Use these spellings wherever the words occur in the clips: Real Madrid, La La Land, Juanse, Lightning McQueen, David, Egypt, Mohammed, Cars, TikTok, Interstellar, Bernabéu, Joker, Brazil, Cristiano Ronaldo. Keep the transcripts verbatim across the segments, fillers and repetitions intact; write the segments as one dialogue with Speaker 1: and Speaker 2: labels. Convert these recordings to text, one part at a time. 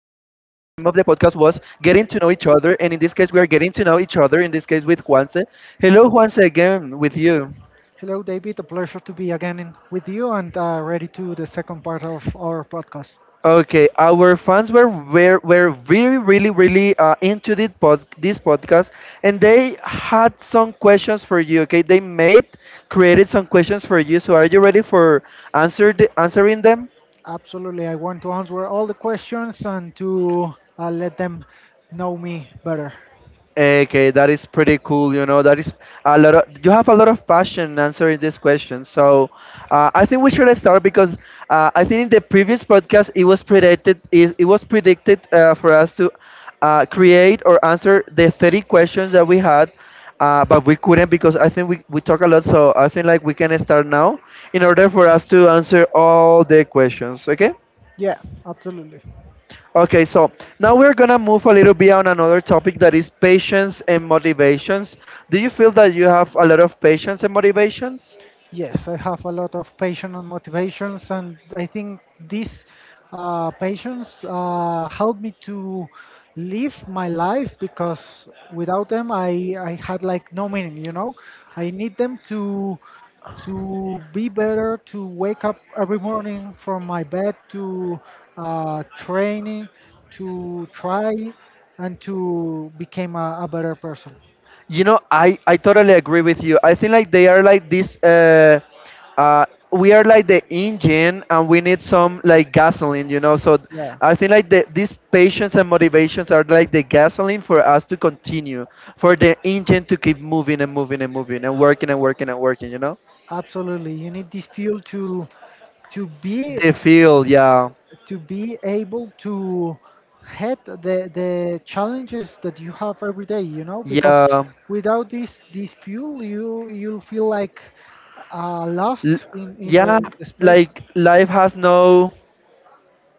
Speaker 1: podcast was "Getting to Know Each Other," and in this case, we are getting to know each other. In this case, with Juanse. Hello, Juanse, again with you.
Speaker 2: Hello, David. A pleasure to be again in, with you and uh, ready to the second part of our podcast.
Speaker 1: Okay, our fans were were, were really really really uh, into this pod, this podcast, and they had some questions for you. Okay, they made created some questions for you. So are you ready for answer the, answering them?
Speaker 2: Absolutely. I want to answer all the questions and to uh, let them know me better.
Speaker 1: Okay, that is pretty cool. You know, that is a lot of you have a lot of passion answering this question. So, uh, I think we should start because uh, I think in the previous podcast it was predicted it, it was predicted uh, for us to uh, create or answer the thirty questions that we had, uh, but we couldn't because I think we we talk a lot. So I think like we can start now in order for us to answer all the questions. Okay.
Speaker 2: Yeah, absolutely.
Speaker 1: Okay, so now we're gonna move a little bit on another topic that is patience and motivations. Do you feel that you have a lot of patience and motivations?
Speaker 2: Yes, I have a lot of passion and motivations, and I think these uh, passions uh, help me to live my life because without them, I, I had like no meaning, you know? I need them to to be better, to wake up every morning from my bed, to uh, training, to try, and to become a, a better person.
Speaker 1: You know, I I totally agree with you. I think like they are like this. Uh, uh, we are like the engine, and we need some like gasoline. You know, so
Speaker 2: Yeah.
Speaker 1: I think like the, these patience and motivations are like the gasoline for us to continue, for the engine to keep moving and moving and moving and working and working and working. You know,
Speaker 2: Absolutely, you need this fuel to to be
Speaker 1: the feel, yeah,
Speaker 2: to be able to head the the challenges that you have every day. You know, because
Speaker 1: yeah.
Speaker 2: without this this fuel, you you'll feel like uh,
Speaker 1: L-
Speaker 2: lost in in
Speaker 1: yeah,
Speaker 2: the, the space.
Speaker 1: like life has no,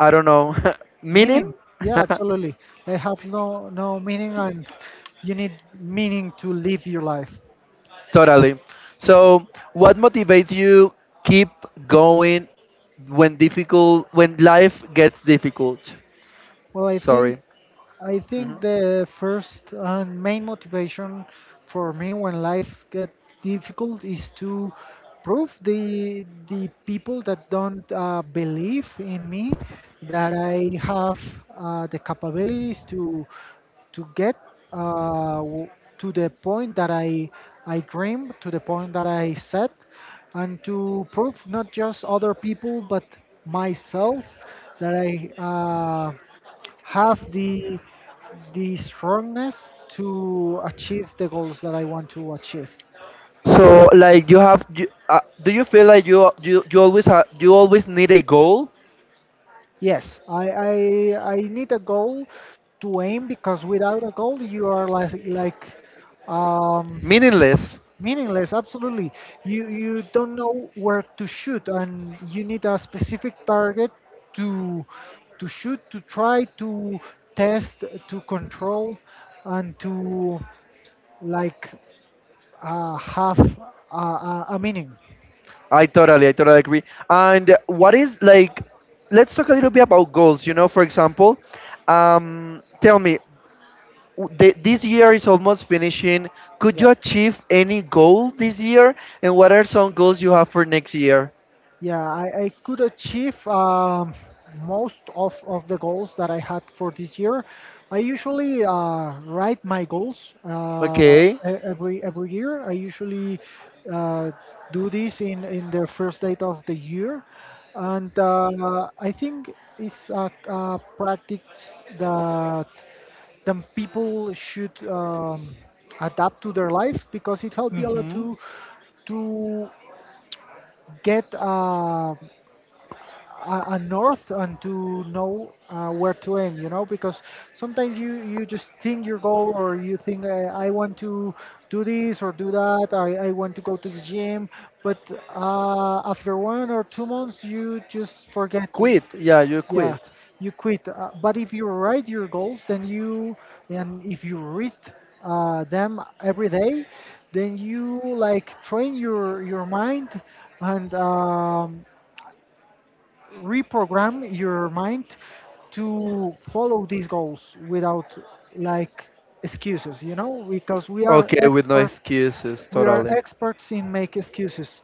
Speaker 1: I don't know, meaning?
Speaker 2: Meaning, yeah, absolutely. They have no no meaning, and you need meaning to live your life.
Speaker 1: Totally. So, what motivates you keep going when difficult when life gets difficult?
Speaker 2: Well, I think
Speaker 1: Sorry.
Speaker 2: I
Speaker 1: Mhm.
Speaker 2: think the first and main motivation for me when life get difficult is to prove the the people that don't uh, believe in me that I have uh, the capabilities to to get uh, w- to the point that I I dream, to the point that I set, and to prove not just other people but myself that I. Uh, have the the strongness to achieve the goals that I want to achieve.
Speaker 1: So, like you have you, uh, do you feel like you you you always have you always need a goal?
Speaker 2: Yes, I I, I need a goal to aim because without a goal you are like like um,
Speaker 1: Meaningless.
Speaker 2: meaningless. Absolutely, you you don't know where to shoot, and you need a specific target to to shoot, to try to test, to control, and to like uh, have uh, uh, a meaning.
Speaker 1: I totally I totally agree. And what is like let's talk a little bit about goals, you know, for example, um tell me w- the, this year is almost finishing. Could
Speaker 2: Yeah.
Speaker 1: you achieve any goal this year? And what are some goals you have for next year?
Speaker 2: Yeah, I, I could achieve um, most of, of the goals that I had for this year. I usually uh, write my goals uh,
Speaker 1: Okay.
Speaker 2: e- every every year. I usually uh, do this in, in the first date of the year, and uh, I think it's a, a practice that then people should um, adapt to their life because it helps you a lot
Speaker 1: Hmm.
Speaker 2: to to get uh, a, a north and to know uh, where to aim, you know, because sometimes you you just think your goal or you think uh, I want to do this or do that, i, I want to go to the gym, but uh, after one or two months you just forget it.
Speaker 1: Quit. Yeah, you quit.
Speaker 2: Yeah, you quit, uh, but if you write your goals, then you, and if you read uh, them every day, then you like train your your mind and um, reprogram your mind to follow these goals without like excuses, you know, because we are
Speaker 1: Okay, with no
Speaker 2: expert
Speaker 1: excuses,
Speaker 2: we are
Speaker 1: totally.
Speaker 2: experts in make excuses,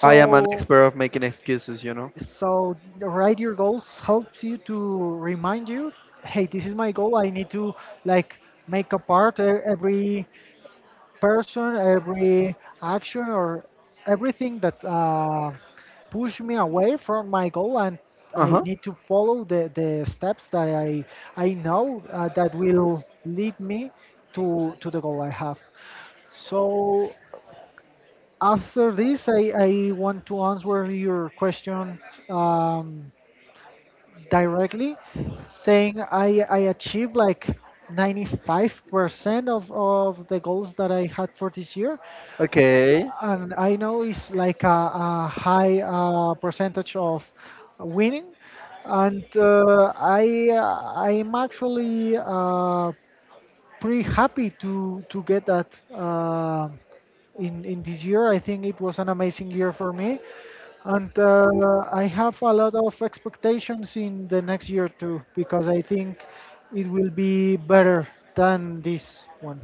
Speaker 1: I am an expert of making excuses, you know.
Speaker 2: so write your goals helps you to remind you, hey, this is my goal, I need to like make a part uh, every person, every action, or everything that uh, push me away from my goal, and I
Speaker 1: Uh-huh.
Speaker 2: need to follow the, the steps that I I know uh, that will lead me to to the goal I have. So after this, I, I want to answer your question. Um, Directly saying, I, I achieved like ninety-five percent of, of the goals that I had for this year.
Speaker 1: Okay.
Speaker 2: And I know it's like a, a high uh, percentage of winning. And uh, I, uh, I'm actually uh, pretty happy to, to get that uh, in, in this year. I think it was an amazing year for me. And uh, I have a lot of expectations in the next year too, because I think it will be better than this one.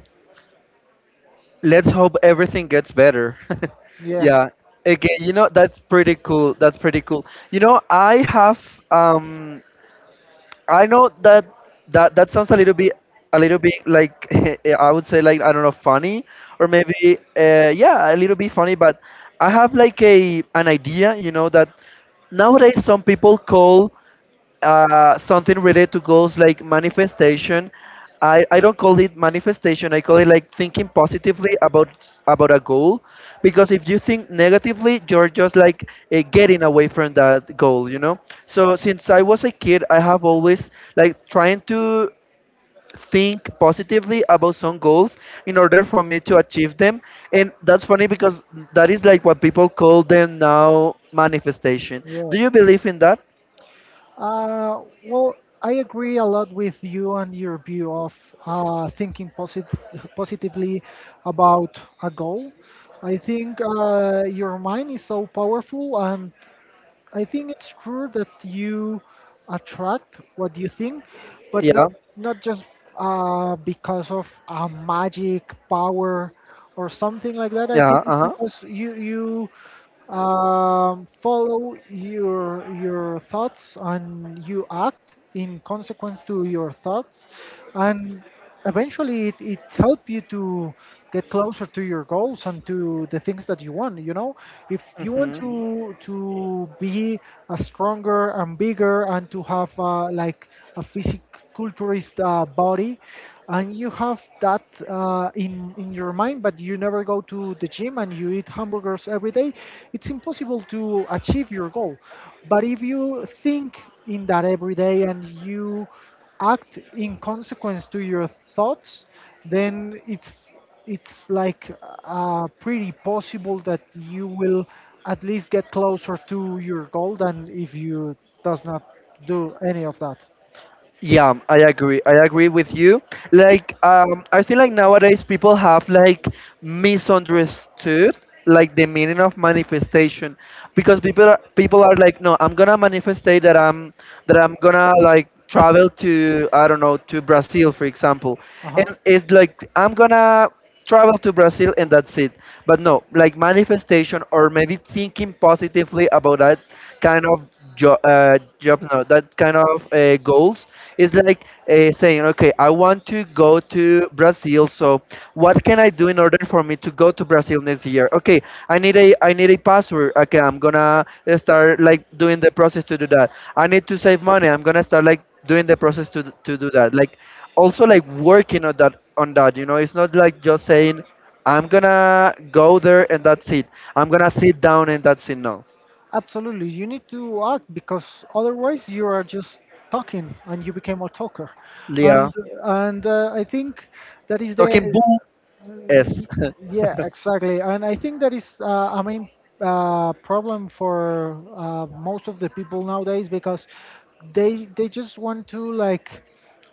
Speaker 1: Let's hope everything gets better.
Speaker 2: Yeah.
Speaker 1: Yeah. Okay, you know that's pretty cool. That's pretty cool. You know, I have um I know that that that sounds a little bit a little bit like I would say like I don't know funny or maybe uh, yeah a little bit funny but I have like a an idea you know that nowadays some people call uh, something related to goals like manifestation. I, I don't call it manifestation. I call it like thinking positively about about a goal, because if you think negatively, you're just like uh, getting away from that goal, you know. So since I was a kid, I have always like trying to think positively about some goals in order for me to achieve them, and that's funny because that is like what people call them now manifestation.
Speaker 2: Yeah.
Speaker 1: Do you believe in that?
Speaker 2: Uh, well, I agree a lot with you and your view of uh, thinking posit positively about a goal. I think uh, your mind is so powerful, and I think it's true that you attract what you think, but
Speaker 1: Yeah,
Speaker 2: not not just uh, because of a magic power or something like that. I think
Speaker 1: yeah,
Speaker 2: it's
Speaker 1: uh-huh,
Speaker 2: because you you um, follow your your thoughts and you act in consequence to your thoughts, and eventually it, it helps you to get closer to your goals and to the things that you want, you know. If you want
Speaker 1: hmm.
Speaker 2: to to be a stronger and bigger and to have uh, like a physic culturist uh, body and you have that uh, in in your mind, but you never go to the gym and you eat hamburgers every day, it's impossible to achieve your goal. But if you think in that every day and you act in consequence to your thoughts, then it's it's like uh, pretty possible that you will at least get closer to your goal than if you does not do any of that.
Speaker 1: Yeah, I agree. I agree with you. Like, um, I feel like nowadays people have like misunderstood like the meaning of manifestation because people are, people are like, no, I'm gonna manifestate that I'm that I'm gonna like travel to I don't know to Brazil, for example, and it's like I'm gonna travel to Brazil and that's it. But no, like manifestation or maybe thinking positively about that kind of job, uh,
Speaker 2: Okay.
Speaker 1: job no, that kind of uh, goals is like uh, saying, okay, I want to go to Brazil. So what can I do in order for me to go to Brazil next year? Okay, I
Speaker 2: I
Speaker 1: need a
Speaker 2: needed. I
Speaker 1: I need a
Speaker 2: needed fast. So
Speaker 1: password.
Speaker 2: I
Speaker 1: Okay, I'm gonna uh,
Speaker 2: can start
Speaker 1: start like doing
Speaker 2: doing.
Speaker 1: the process to do that.
Speaker 2: I
Speaker 1: I
Speaker 2: need
Speaker 1: need
Speaker 2: to
Speaker 1: to save
Speaker 2: save
Speaker 1: money.
Speaker 2: money.
Speaker 1: I'm gonna start like
Speaker 2: Doing.
Speaker 1: doing the process to to
Speaker 2: Doing
Speaker 1: do
Speaker 2: that.
Speaker 1: that. Like
Speaker 2: Also,
Speaker 1: also
Speaker 2: I
Speaker 1: like
Speaker 2: work
Speaker 1: working on that
Speaker 2: on
Speaker 1: on
Speaker 2: that.
Speaker 1: that. You know, it's not like just saying, I'm gonna go there and that's it. I'm
Speaker 2: I'm
Speaker 1: gonna
Speaker 2: gonna
Speaker 1: sit
Speaker 2: skip.
Speaker 1: down and that's it. No.
Speaker 2: Absolutely, you need to act because otherwise you are just talking and you became a talker,
Speaker 1: Yeah.
Speaker 2: and and uh, I think that is
Speaker 1: Talking
Speaker 2: the
Speaker 1: boo
Speaker 2: uh,
Speaker 1: S.
Speaker 2: y- yeah, exactly. And I think that is uh, a main uh, problem for uh, most of the people nowadays because they they just want to like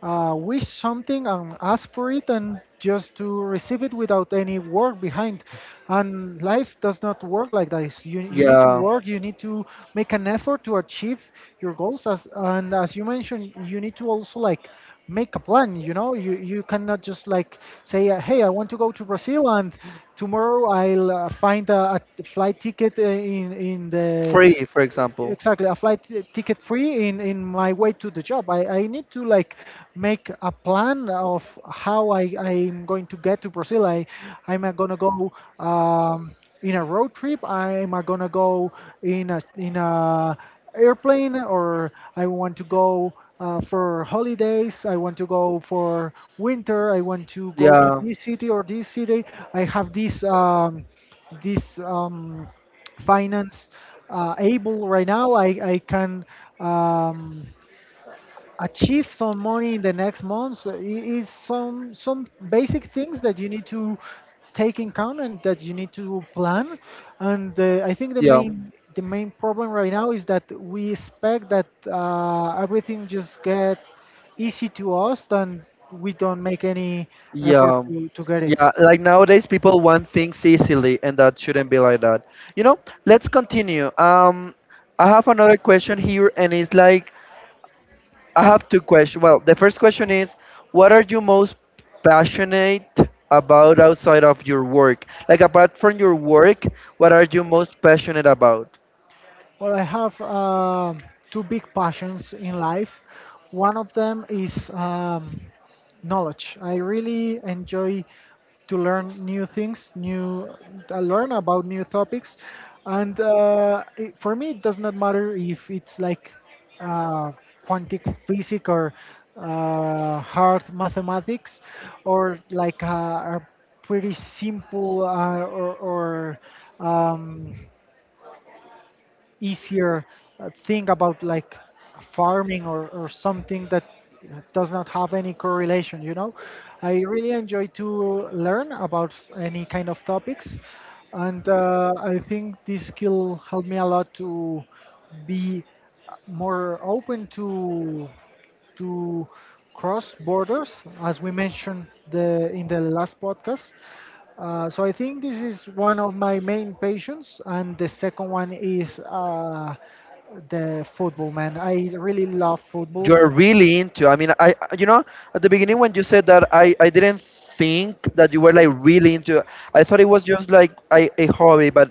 Speaker 2: uh, wish something and ask for it and just to receive it without any work behind. And life does not work like this. You you need to
Speaker 1: Yeah.
Speaker 2: work. You need to make an effort to achieve your goals. As and as you mentioned, you need to also like make a plan, you know. you you cannot just like say uh, hey, I want to go to Brazil, and tomorrow I'll uh, find a, a flight ticket uh, in in the
Speaker 1: Free, for example.
Speaker 2: exactly a flight t- ticket free in in my way to the job. i I need to like make a plan of how i I'm going to get to Brazil. i I'm uh, gonna go um in a road trip, I'm uh, gonna go in a in a airplane, or I want to go uh, for holidays, I want to go for winter, I want to go to
Speaker 1: Yeah.
Speaker 2: this city or this city. I have this um this um finance uh, able right now. I, I can um, achieve some money in the next month. So it's some some basic things that you need to take in account and that you need to plan. And uh, I think the
Speaker 1: Yeah.
Speaker 2: main the main problem right now is that we expect that uh, everything just get easy to us, and we don't make any effort
Speaker 1: Yeah.
Speaker 2: to, to get it.
Speaker 1: Yeah. Like nowadays, people want things easily, and that shouldn't be like that. You know. Let's continue. Um, I have another question here, and it's like, I have two questions. Well, the first question is, what are you most passionate about outside of your work? Like apart from your work, what are you most passionate about?
Speaker 2: Well, I have uh, two big passions in life. One of them is um, knowledge. I really enjoy to learn new things, new uh, learn about new topics, and uh, it, for me, it does not matter if it's like uh, quantic physics or uh, hard mathematics, or like uh, a pretty simple uh, or, or um, easier uh, thing about like farming, or, or something that does not have any correlation, you know. I really enjoy to learn about any kind of topics, and uh, i think this skill helped me a lot to be more open to to cross borders, as we mentioned the, in the last podcast. Uh, so I think this is one of my main passions, and the second one is uh, the football. Man, I really love football.
Speaker 1: You're really into. I mean, I I- you know at the beginning when you said that, I I didn't think that you were like really into. I thought it was just like a, a hobby, but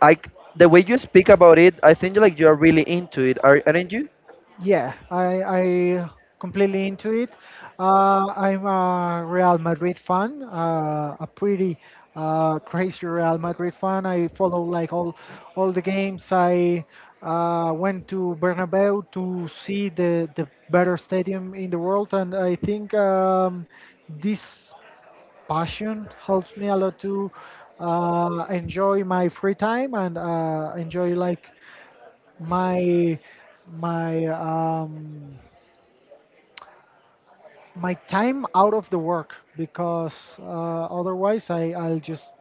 Speaker 1: I the way you speak about it, I think like you're really into it. Are aren't you?
Speaker 2: Yeah, I, I completely into it. Uh, I'm a Real Madrid fan, uh, a pretty uh, crazy Real Madrid fan. I follow like all all the games. I uh, went to Bernabeu to see the the better stadium in the world, and I think um, this passion helps me a lot to uh, enjoy my free time and uh, enjoy like my my um my time out of the work because uh, otherwise I, I'll just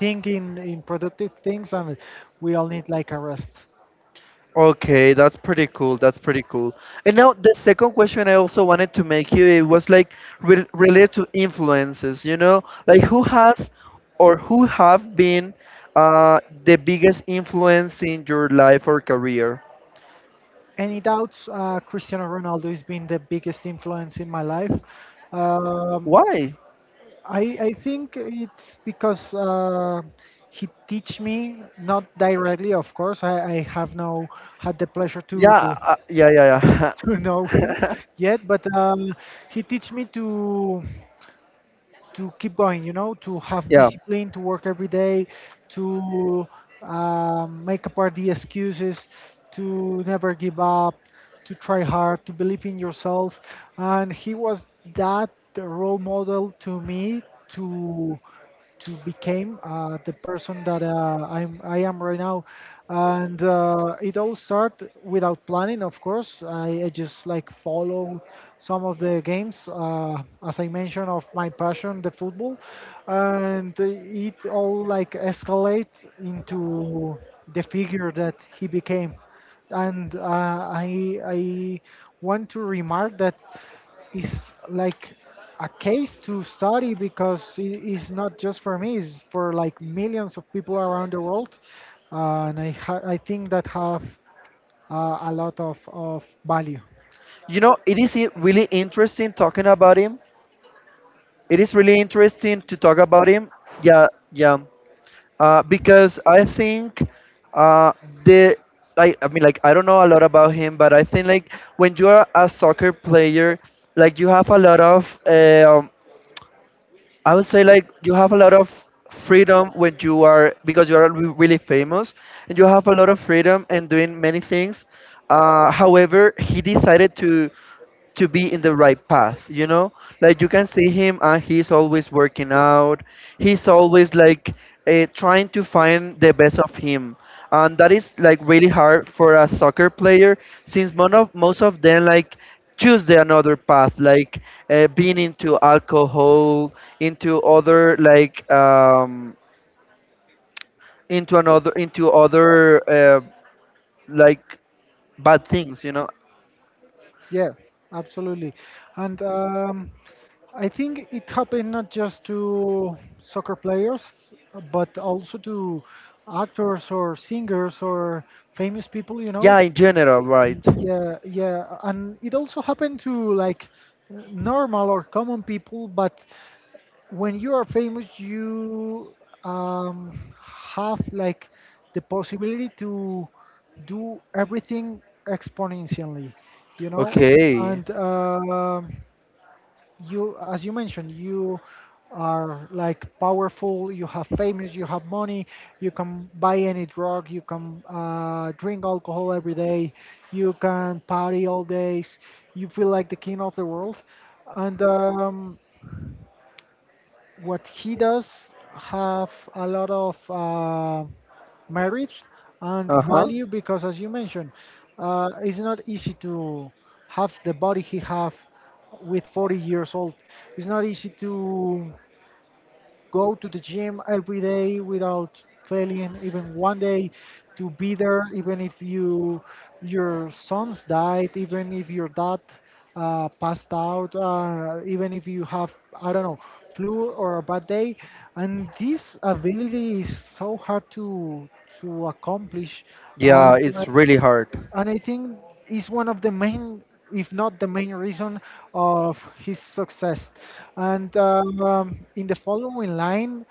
Speaker 2: think in, in productive things, and we all need like a rest.
Speaker 1: Okay, that's pretty cool. That's pretty cool. And now the second question I also wanted to make you it was like re related to influences, you know, like
Speaker 2: Yeah.
Speaker 1: who has or who have been uh, the biggest influence in your life or career?
Speaker 2: Any doubts? Uh, Cristiano Ronaldo has been the biggest influence in my life. Um,
Speaker 1: Why?
Speaker 2: I I think it's because uh, he teach me not directly, of course. I, I have no had the pleasure to
Speaker 1: Yeah, uh, yeah, yeah,
Speaker 2: to know him
Speaker 1: yeah.
Speaker 2: yet, but um, he teach me to to keep going. You know, to have
Speaker 1: Yeah.
Speaker 2: discipline, to work every day, to um, make apart the excuses, to never give up, to try hard, to believe in yourself, and he was that role model to me to to became uh, the person that uh, I'm I am right now, and uh, it all started without planning. Of course, I, I just like follow some of the games, uh, as I mentioned, of my passion, the football, and uh, it all like escalate into the figure that he became, and uh, I I want to remark that is like a case to study because it- it's not just for me, it's for like millions of people around the world. Uh, and I, ha- I think that have uh, a lot of, of value.
Speaker 1: You know, it is i- really interesting talking about him. It is really interesting to talk about him. Yeah, yeah. Uh, because I think uh, the like I mean like I don't know a lot about him, but I think like when you are a soccer player, like you have a lot of um I would say like you have a lot of freedom when you are because you are re- really famous and you have a lot of freedom and doing many things. Uh, however, he decided to to be in the right path, you know? Like you can see him and he's always working out. He's always like uh, trying to find the best of him. And that is like really hard for a soccer player since most of most of them like choose the another path like uh, being into alcohol into other like um into another into other uh, like bad things, you know?
Speaker 2: Yeah, absolutely. And um, I think it happened not just to soccer players but also to actors or singers or famous people you know
Speaker 1: Yeah, in general, right?
Speaker 2: Yeah, yeah, and it also happened to like normal or common people, but when you are famous, you um, have like the possibility to do everything exponentially, you know,
Speaker 1: Okay,
Speaker 2: and um you, as you mentioned, you are like powerful, you have famous, you have money, you can buy any drug, you can uh, drink alcohol every day, you can party all days, you feel like the king of the world. And um, what he does have a lot of uh, merit and
Speaker 1: uh-huh,
Speaker 2: value because, as you mentioned, uh, it's not easy to have the body he have with forty years old. It's not easy to go to the gym every day without failing even one day, to be there even if you your sons died, even if your dad uh, passed out, uh, even if you have, I don't know, flu or a bad day. And this ability is so hard to to accomplish. Yeah.
Speaker 1: yeah,
Speaker 2: and uh,
Speaker 1: it's really hard,
Speaker 2: and I think is one of the main, if not the main, reason of his success. And um, In the following line,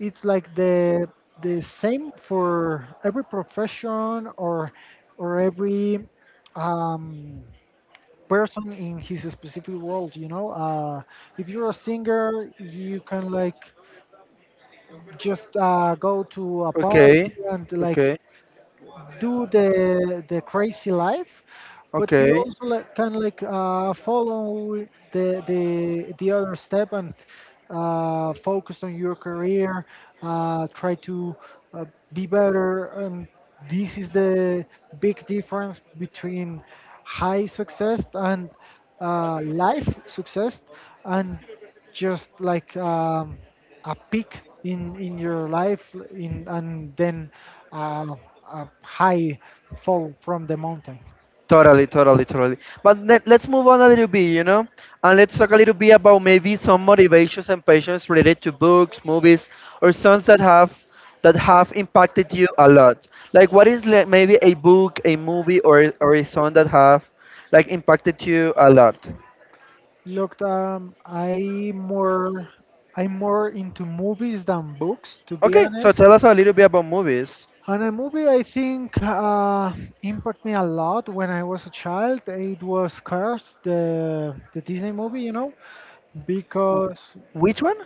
Speaker 2: it's like the the same for every profession, or or every um, person in his specific world. You know, uh, if you're a singer, you can like just uh, go to a party
Speaker 1: okay,
Speaker 2: and like
Speaker 1: okay,
Speaker 2: do the the crazy life, but you
Speaker 1: okay.
Speaker 2: also like, can like uh, follow the the the other step and uh, focus on your career, uh, try to uh, be better. And this is the big difference between high success and uh, life success, and just like um, a peak in in your life, in and then uh, a high fall from the mountain.
Speaker 1: Totally, totally, totally. But let, let's move on a little bit, you know, and let's talk a little bit about maybe some motivations and passions related to books, movies, or songs that have that have impacted you a lot. Like, what is like, maybe a book, a movie, or or a song that have like impacted you a lot?
Speaker 2: Look, um, I more I'm more into movies than books, to be
Speaker 1: Okay, so
Speaker 2: honest.
Speaker 1: tell us a little bit about movies.
Speaker 2: And a movie I think uh, impacted me a lot when I was a child. It was Cars, the the Disney movie, you know, because
Speaker 1: Which one?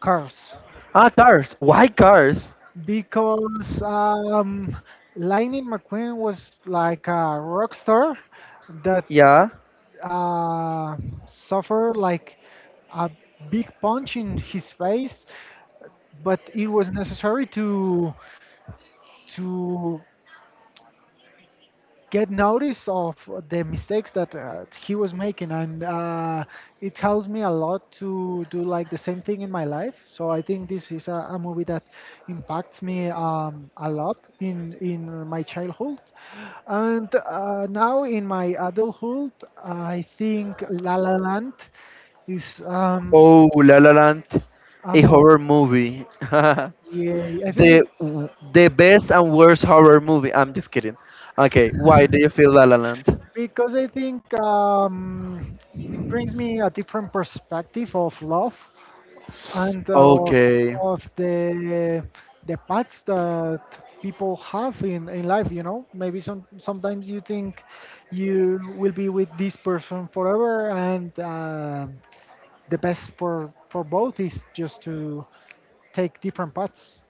Speaker 2: Cars,
Speaker 1: Ah, Cars. Why Cars?
Speaker 2: because um, Lightning McQueen was like a rock star that
Speaker 1: Yeah.
Speaker 2: uh, suffered like a big punch in his face, but it was necessary to to get notice of the mistakes that uh, he was making, and uh, it helps me a lot to do like the same thing in my life. So I think this is a, a movie that impacts me um, a lot in in my childhood. And uh, now in my adulthood, I think La La Land is um,
Speaker 1: Oh, La La Land,
Speaker 2: a
Speaker 1: a
Speaker 2: movie.
Speaker 1: horror movie. the
Speaker 2: Yeah, I think it's
Speaker 1: the best and worst horror movie. I'm just kidding. Okay, why do you feel La La Land?
Speaker 2: because I think um, it brings me a different perspective of love and of
Speaker 1: Okay.
Speaker 2: of the the paths that people have in, in life. You know maybe some sometimes you think you will be with this person forever, and uh, the best for for both is just to take different paths.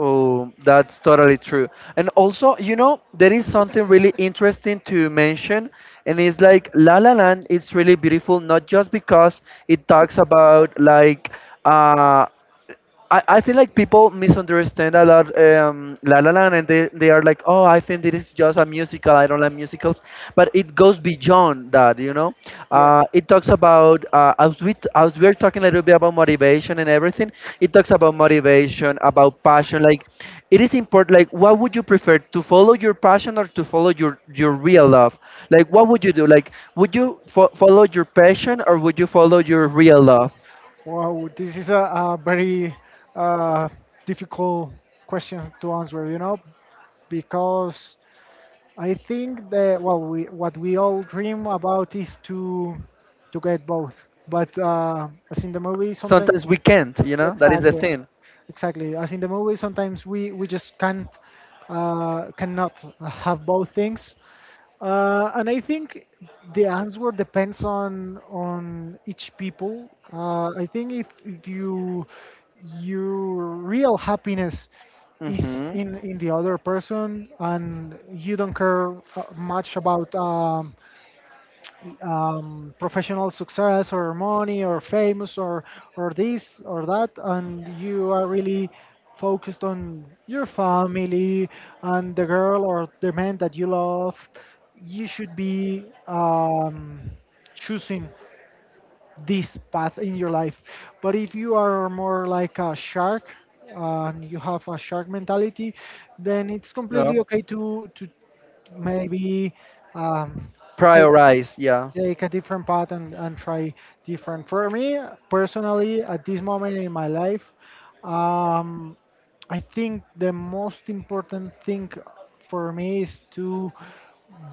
Speaker 1: Oh, that's totally true. And also, you know, there is something really interesting to mention, and it's like La La Land. It's really beautiful, not just because it talks about like uh, I, I feel like people misunderstand a lot um, La La Land and they, they are like oh I think this is just a musical I don't like musicals but it goes beyond that you know.
Speaker 2: Yeah.
Speaker 1: Uh, it talks about uh, as we t- as we're talking a little bit about motivation and everything, it talks about motivation about passion like it is important like what would you prefer to follow your passion or to follow your your real love, like what would you do like would you fo- follow your passion or would you follow your real love?
Speaker 2: Wow, this is a, a very uh, difficult question to answer you know because I think that, well, we what we all dream about is to to get both. But uh, as in the movie, sometimes
Speaker 1: Sometimes we can't, you know, that is the
Speaker 2: exactly,
Speaker 1: thing.
Speaker 2: exactly. As in the movie, sometimes we we just can't uh, cannot have both things. Uh, and I think the answer depends on on each people. Uh, I think if, if you, your real happiness is
Speaker 1: Mm-hmm.
Speaker 2: in in the other person, and you don't care uh, much about um, um, professional success or money or famous, or or this or that, and you are really focused on your family and the girl or the man that you love, you should be um, choosing this path in your life. But if you are more like a shark, uh, and you have a shark mentality, then it's
Speaker 1: Yeah.
Speaker 2: completely okay to to maybe um, take
Speaker 1: Prioritize, yeah,
Speaker 2: take a different path, and, and try different. For me personally, at this moment in my life, um, I think the most important thing for me is to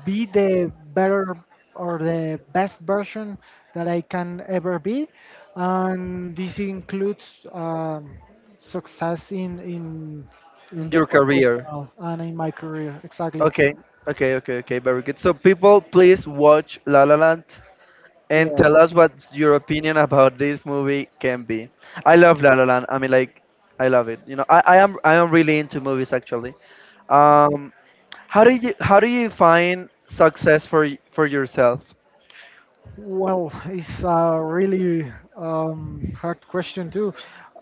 Speaker 2: be the better or the best version that I can ever be, and this includes um, success in in in
Speaker 1: in
Speaker 2: the
Speaker 1: your career.
Speaker 2: professional and in my career. Exactly.
Speaker 1: Okay, okay, okay, okay, very good. So, people, please watch La La Land and
Speaker 2: Yeah.
Speaker 1: tell us what your opinion about this movie can be. I love La La Land. I mean, like, I love it. You know, I, I am I am really into movies actually. Um, how do you how do you find success for y- for yourself?
Speaker 2: Well, it's a really um, hard question too.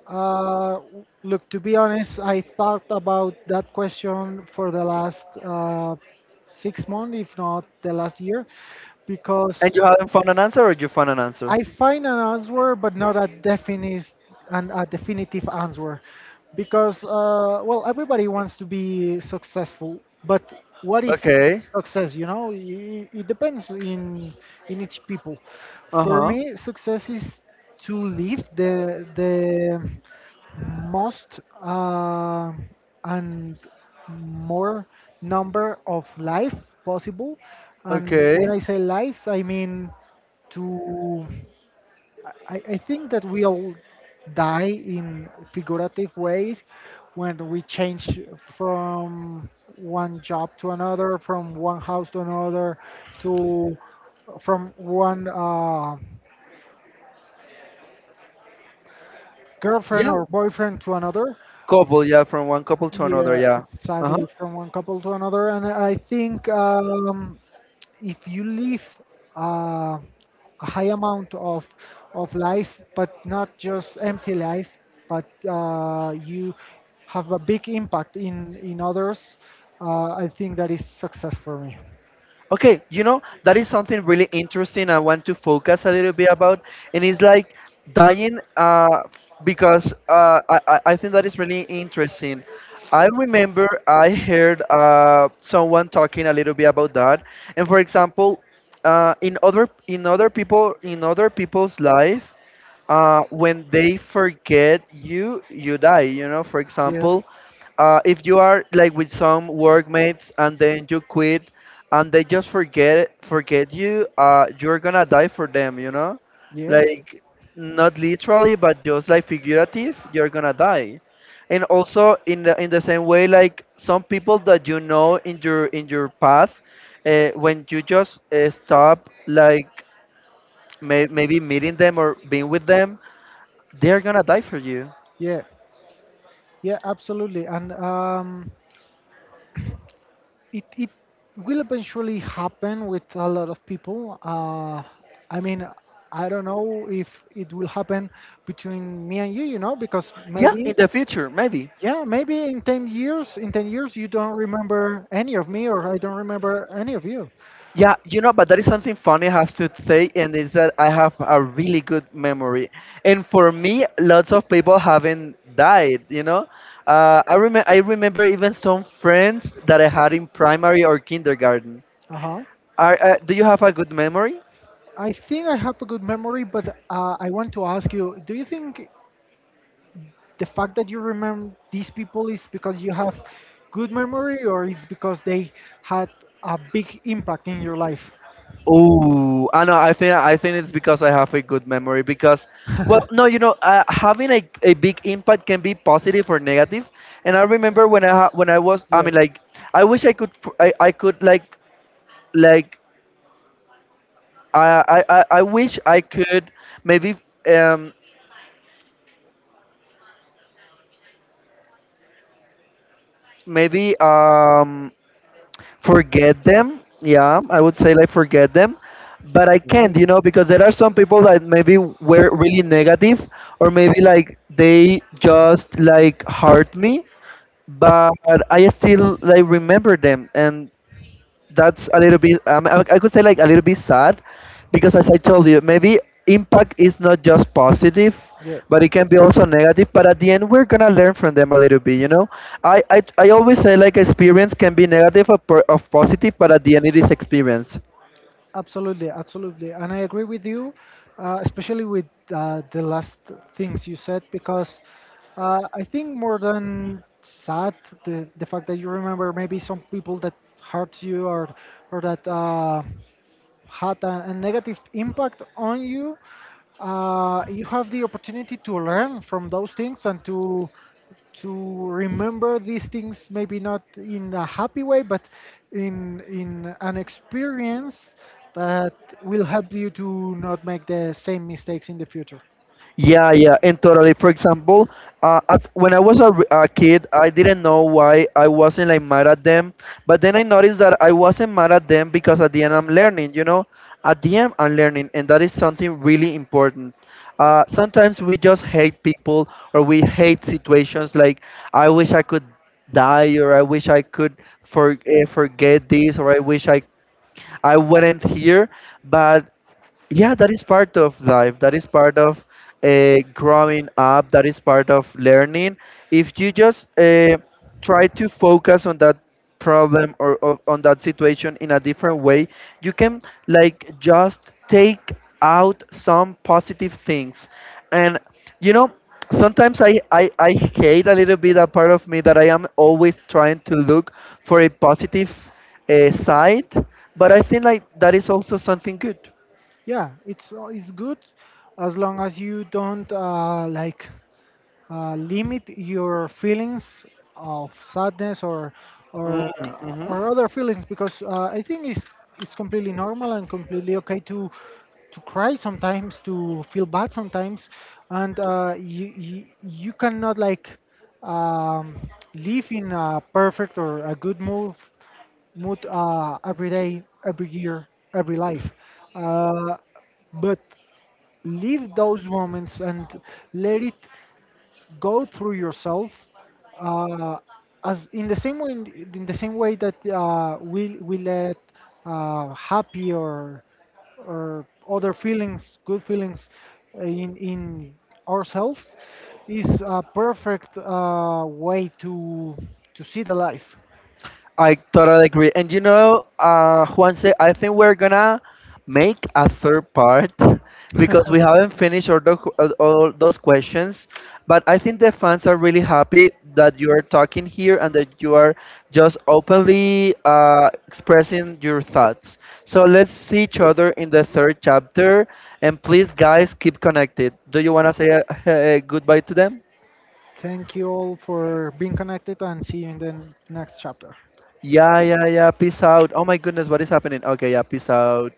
Speaker 2: Uh, Look, to be honest, I thought about that question for the last uh, six months, if not the last year,
Speaker 1: And
Speaker 2: because
Speaker 1: you haven't found an answer, or you found an answer?
Speaker 2: I find an answer, but not a definite and a definitive answer. Because uh, well, everybody wants to be successful, but what is
Speaker 1: Okay.
Speaker 2: success? You know, it, it depends in in each people.
Speaker 1: Uh
Speaker 2: For
Speaker 1: huh.
Speaker 2: me, success is to live the the most uh, and more number of life possible, and when
Speaker 1: Okay.
Speaker 2: I say lives, I mean to. I, I think that we all die in figurative ways when we change from one job to another, from one house to another, to from one uh, girlfriend
Speaker 1: Yeah.
Speaker 2: or boyfriend to another.
Speaker 1: Couple, yeah, from one couple to another,
Speaker 2: Yeah,
Speaker 1: yeah. Uh
Speaker 2: exactly,
Speaker 1: huh.
Speaker 2: from one couple to another. And I think um, if you live uh, a high amount of of life, but not just empty life, but uh, you have a big impact in in others. Uh, I think that is success for me.
Speaker 1: Okay, you know, that is something really interesting I want to focus a little bit about. And it's like dying uh, because uh, I, I I think that is really interesting. I remember I heard uh, someone talking a little bit about that. And for example, uh, in other in other people in other people's life, uh, when they forget you, you die. You know, for
Speaker 2: Yeah,
Speaker 1: example, uh, if you are like with some workmates and then you quit and they just forget forget you, uh you're gonna die for them, you know,
Speaker 2: yeah,
Speaker 1: like not literally but just like figurative, you're gonna die. And also in the in the same way, like some people that you know in your in your path, uh, when you just uh, stop like may, maybe meeting them or being with them, they're gonna die for you.
Speaker 2: yeah, yeah, absolutely. And um, it it will eventually happen with a lot of people. Uh, I mean, I don't know if it will happen between me and you, you know, because
Speaker 1: Yeah, in
Speaker 2: maybe
Speaker 1: the future maybe.
Speaker 2: yeah, maybe in ten years, in ten years you don't remember any of me, or I don't remember any of you.
Speaker 1: Yeah, you know, but that is something funny I have to say, and is that I have a really good memory. And for me, lots of people haven't died, you know? Uh, I, rem- I remember even some friends that I had in primary or kindergarten.
Speaker 2: Uh-huh.
Speaker 1: Are, uh, do you have a good memory?
Speaker 2: I think I have a good memory, but uh, I want to ask you, do you think the fact that you remember these people is because you have good memory, or it's because they had a big impact in your life?
Speaker 1: Oh, I know. I think I think it's because I have a good memory. Because, well, no, you know, uh, having a, a big impact can be positive or negative. And I remember when I ha- when I was, I
Speaker 2: Yeah.
Speaker 1: mean, like, I wish I could, f- I, I could like like I, I, I I wish I could maybe um maybe um forget them. Yeah, I would say like forget them, but I can't, you know, because there are some people that maybe were really negative or maybe like they just like hurt me, but I still like remember them, and that's a little bit um, I, I could say like a little bit sad, because as I told you, maybe impact is not just positive but it can be also negative, but at the end we're gonna learn from them a little bit, you know. i i, I always say like experience can be negative or, po- or positive, but at the end it is experience.
Speaker 2: Absolutely, absolutely, and I agree with you, uh, especially with uh, the last things you said, because uh, I think more than sad, the the fact that you remember maybe some people that hurt you, or or that. Uh, had a, a negative impact on you, uh, you have the opportunity to learn from those things and to to remember these things, maybe not in a happy way, but in in an experience that will help you to not make the same mistakes in the future.
Speaker 1: Yeah, yeah, and totally. For example, uh, at, when I was a, r- a kid, I didn't know why I wasn't like mad at them. But then I noticed that I wasn't mad at them because at the end I'm learning. You know, at the end I'm learning, and that is something really important. Uh, sometimes we just hate people or we hate situations. Like I wish I could die, or I wish I could for, uh, forget this, or I wish I I wouldn't here. But yeah, that is part of life. That is part of uh, growing up. That is part of learning. If you just uh, try to focus on that problem, or, or on that situation in a different way, you can like just take out some positive things. And you know, sometimes I, I, I hate a little bit a part of me that I am always trying to look for a positive uh, side, but I think like that is also something good.
Speaker 2: Yeah, it's uh, it's good, as long as you don't uh, like uh, limit your feelings of sadness or or uh,
Speaker 1: Mm-hmm.
Speaker 2: or other feelings, because uh, I think it's it's completely normal and completely okay to to cry sometimes, to feel bad sometimes. And uh, you, you you cannot like um, live in a perfect or a good mood mood uh, every day, every year, every life, uh, but live those moments and let it go through yourself, uh, as in the same way in the same way that uh, we we let uh, happy or or other feelings, good feelings, uh, in in ourselves is a perfect uh, way to to see the life.
Speaker 1: I totally agree. And you know, uh, Juanse, I think we're gonna make a third part because we haven't finished all, the, qu- all all those questions. But I think the fans are really happy that you are talking here and that you are just openly uh, expressing your thoughts. So let's see each other in the third chapter. And please, guys, keep connected. Do you wanna say a, a goodbye to them?
Speaker 2: Thank you all for being connected, and see you in the next chapter.
Speaker 1: Yeah, yeah, yeah. Peace out. Oh my goodness, what is happening? Okay, yeah, peace out.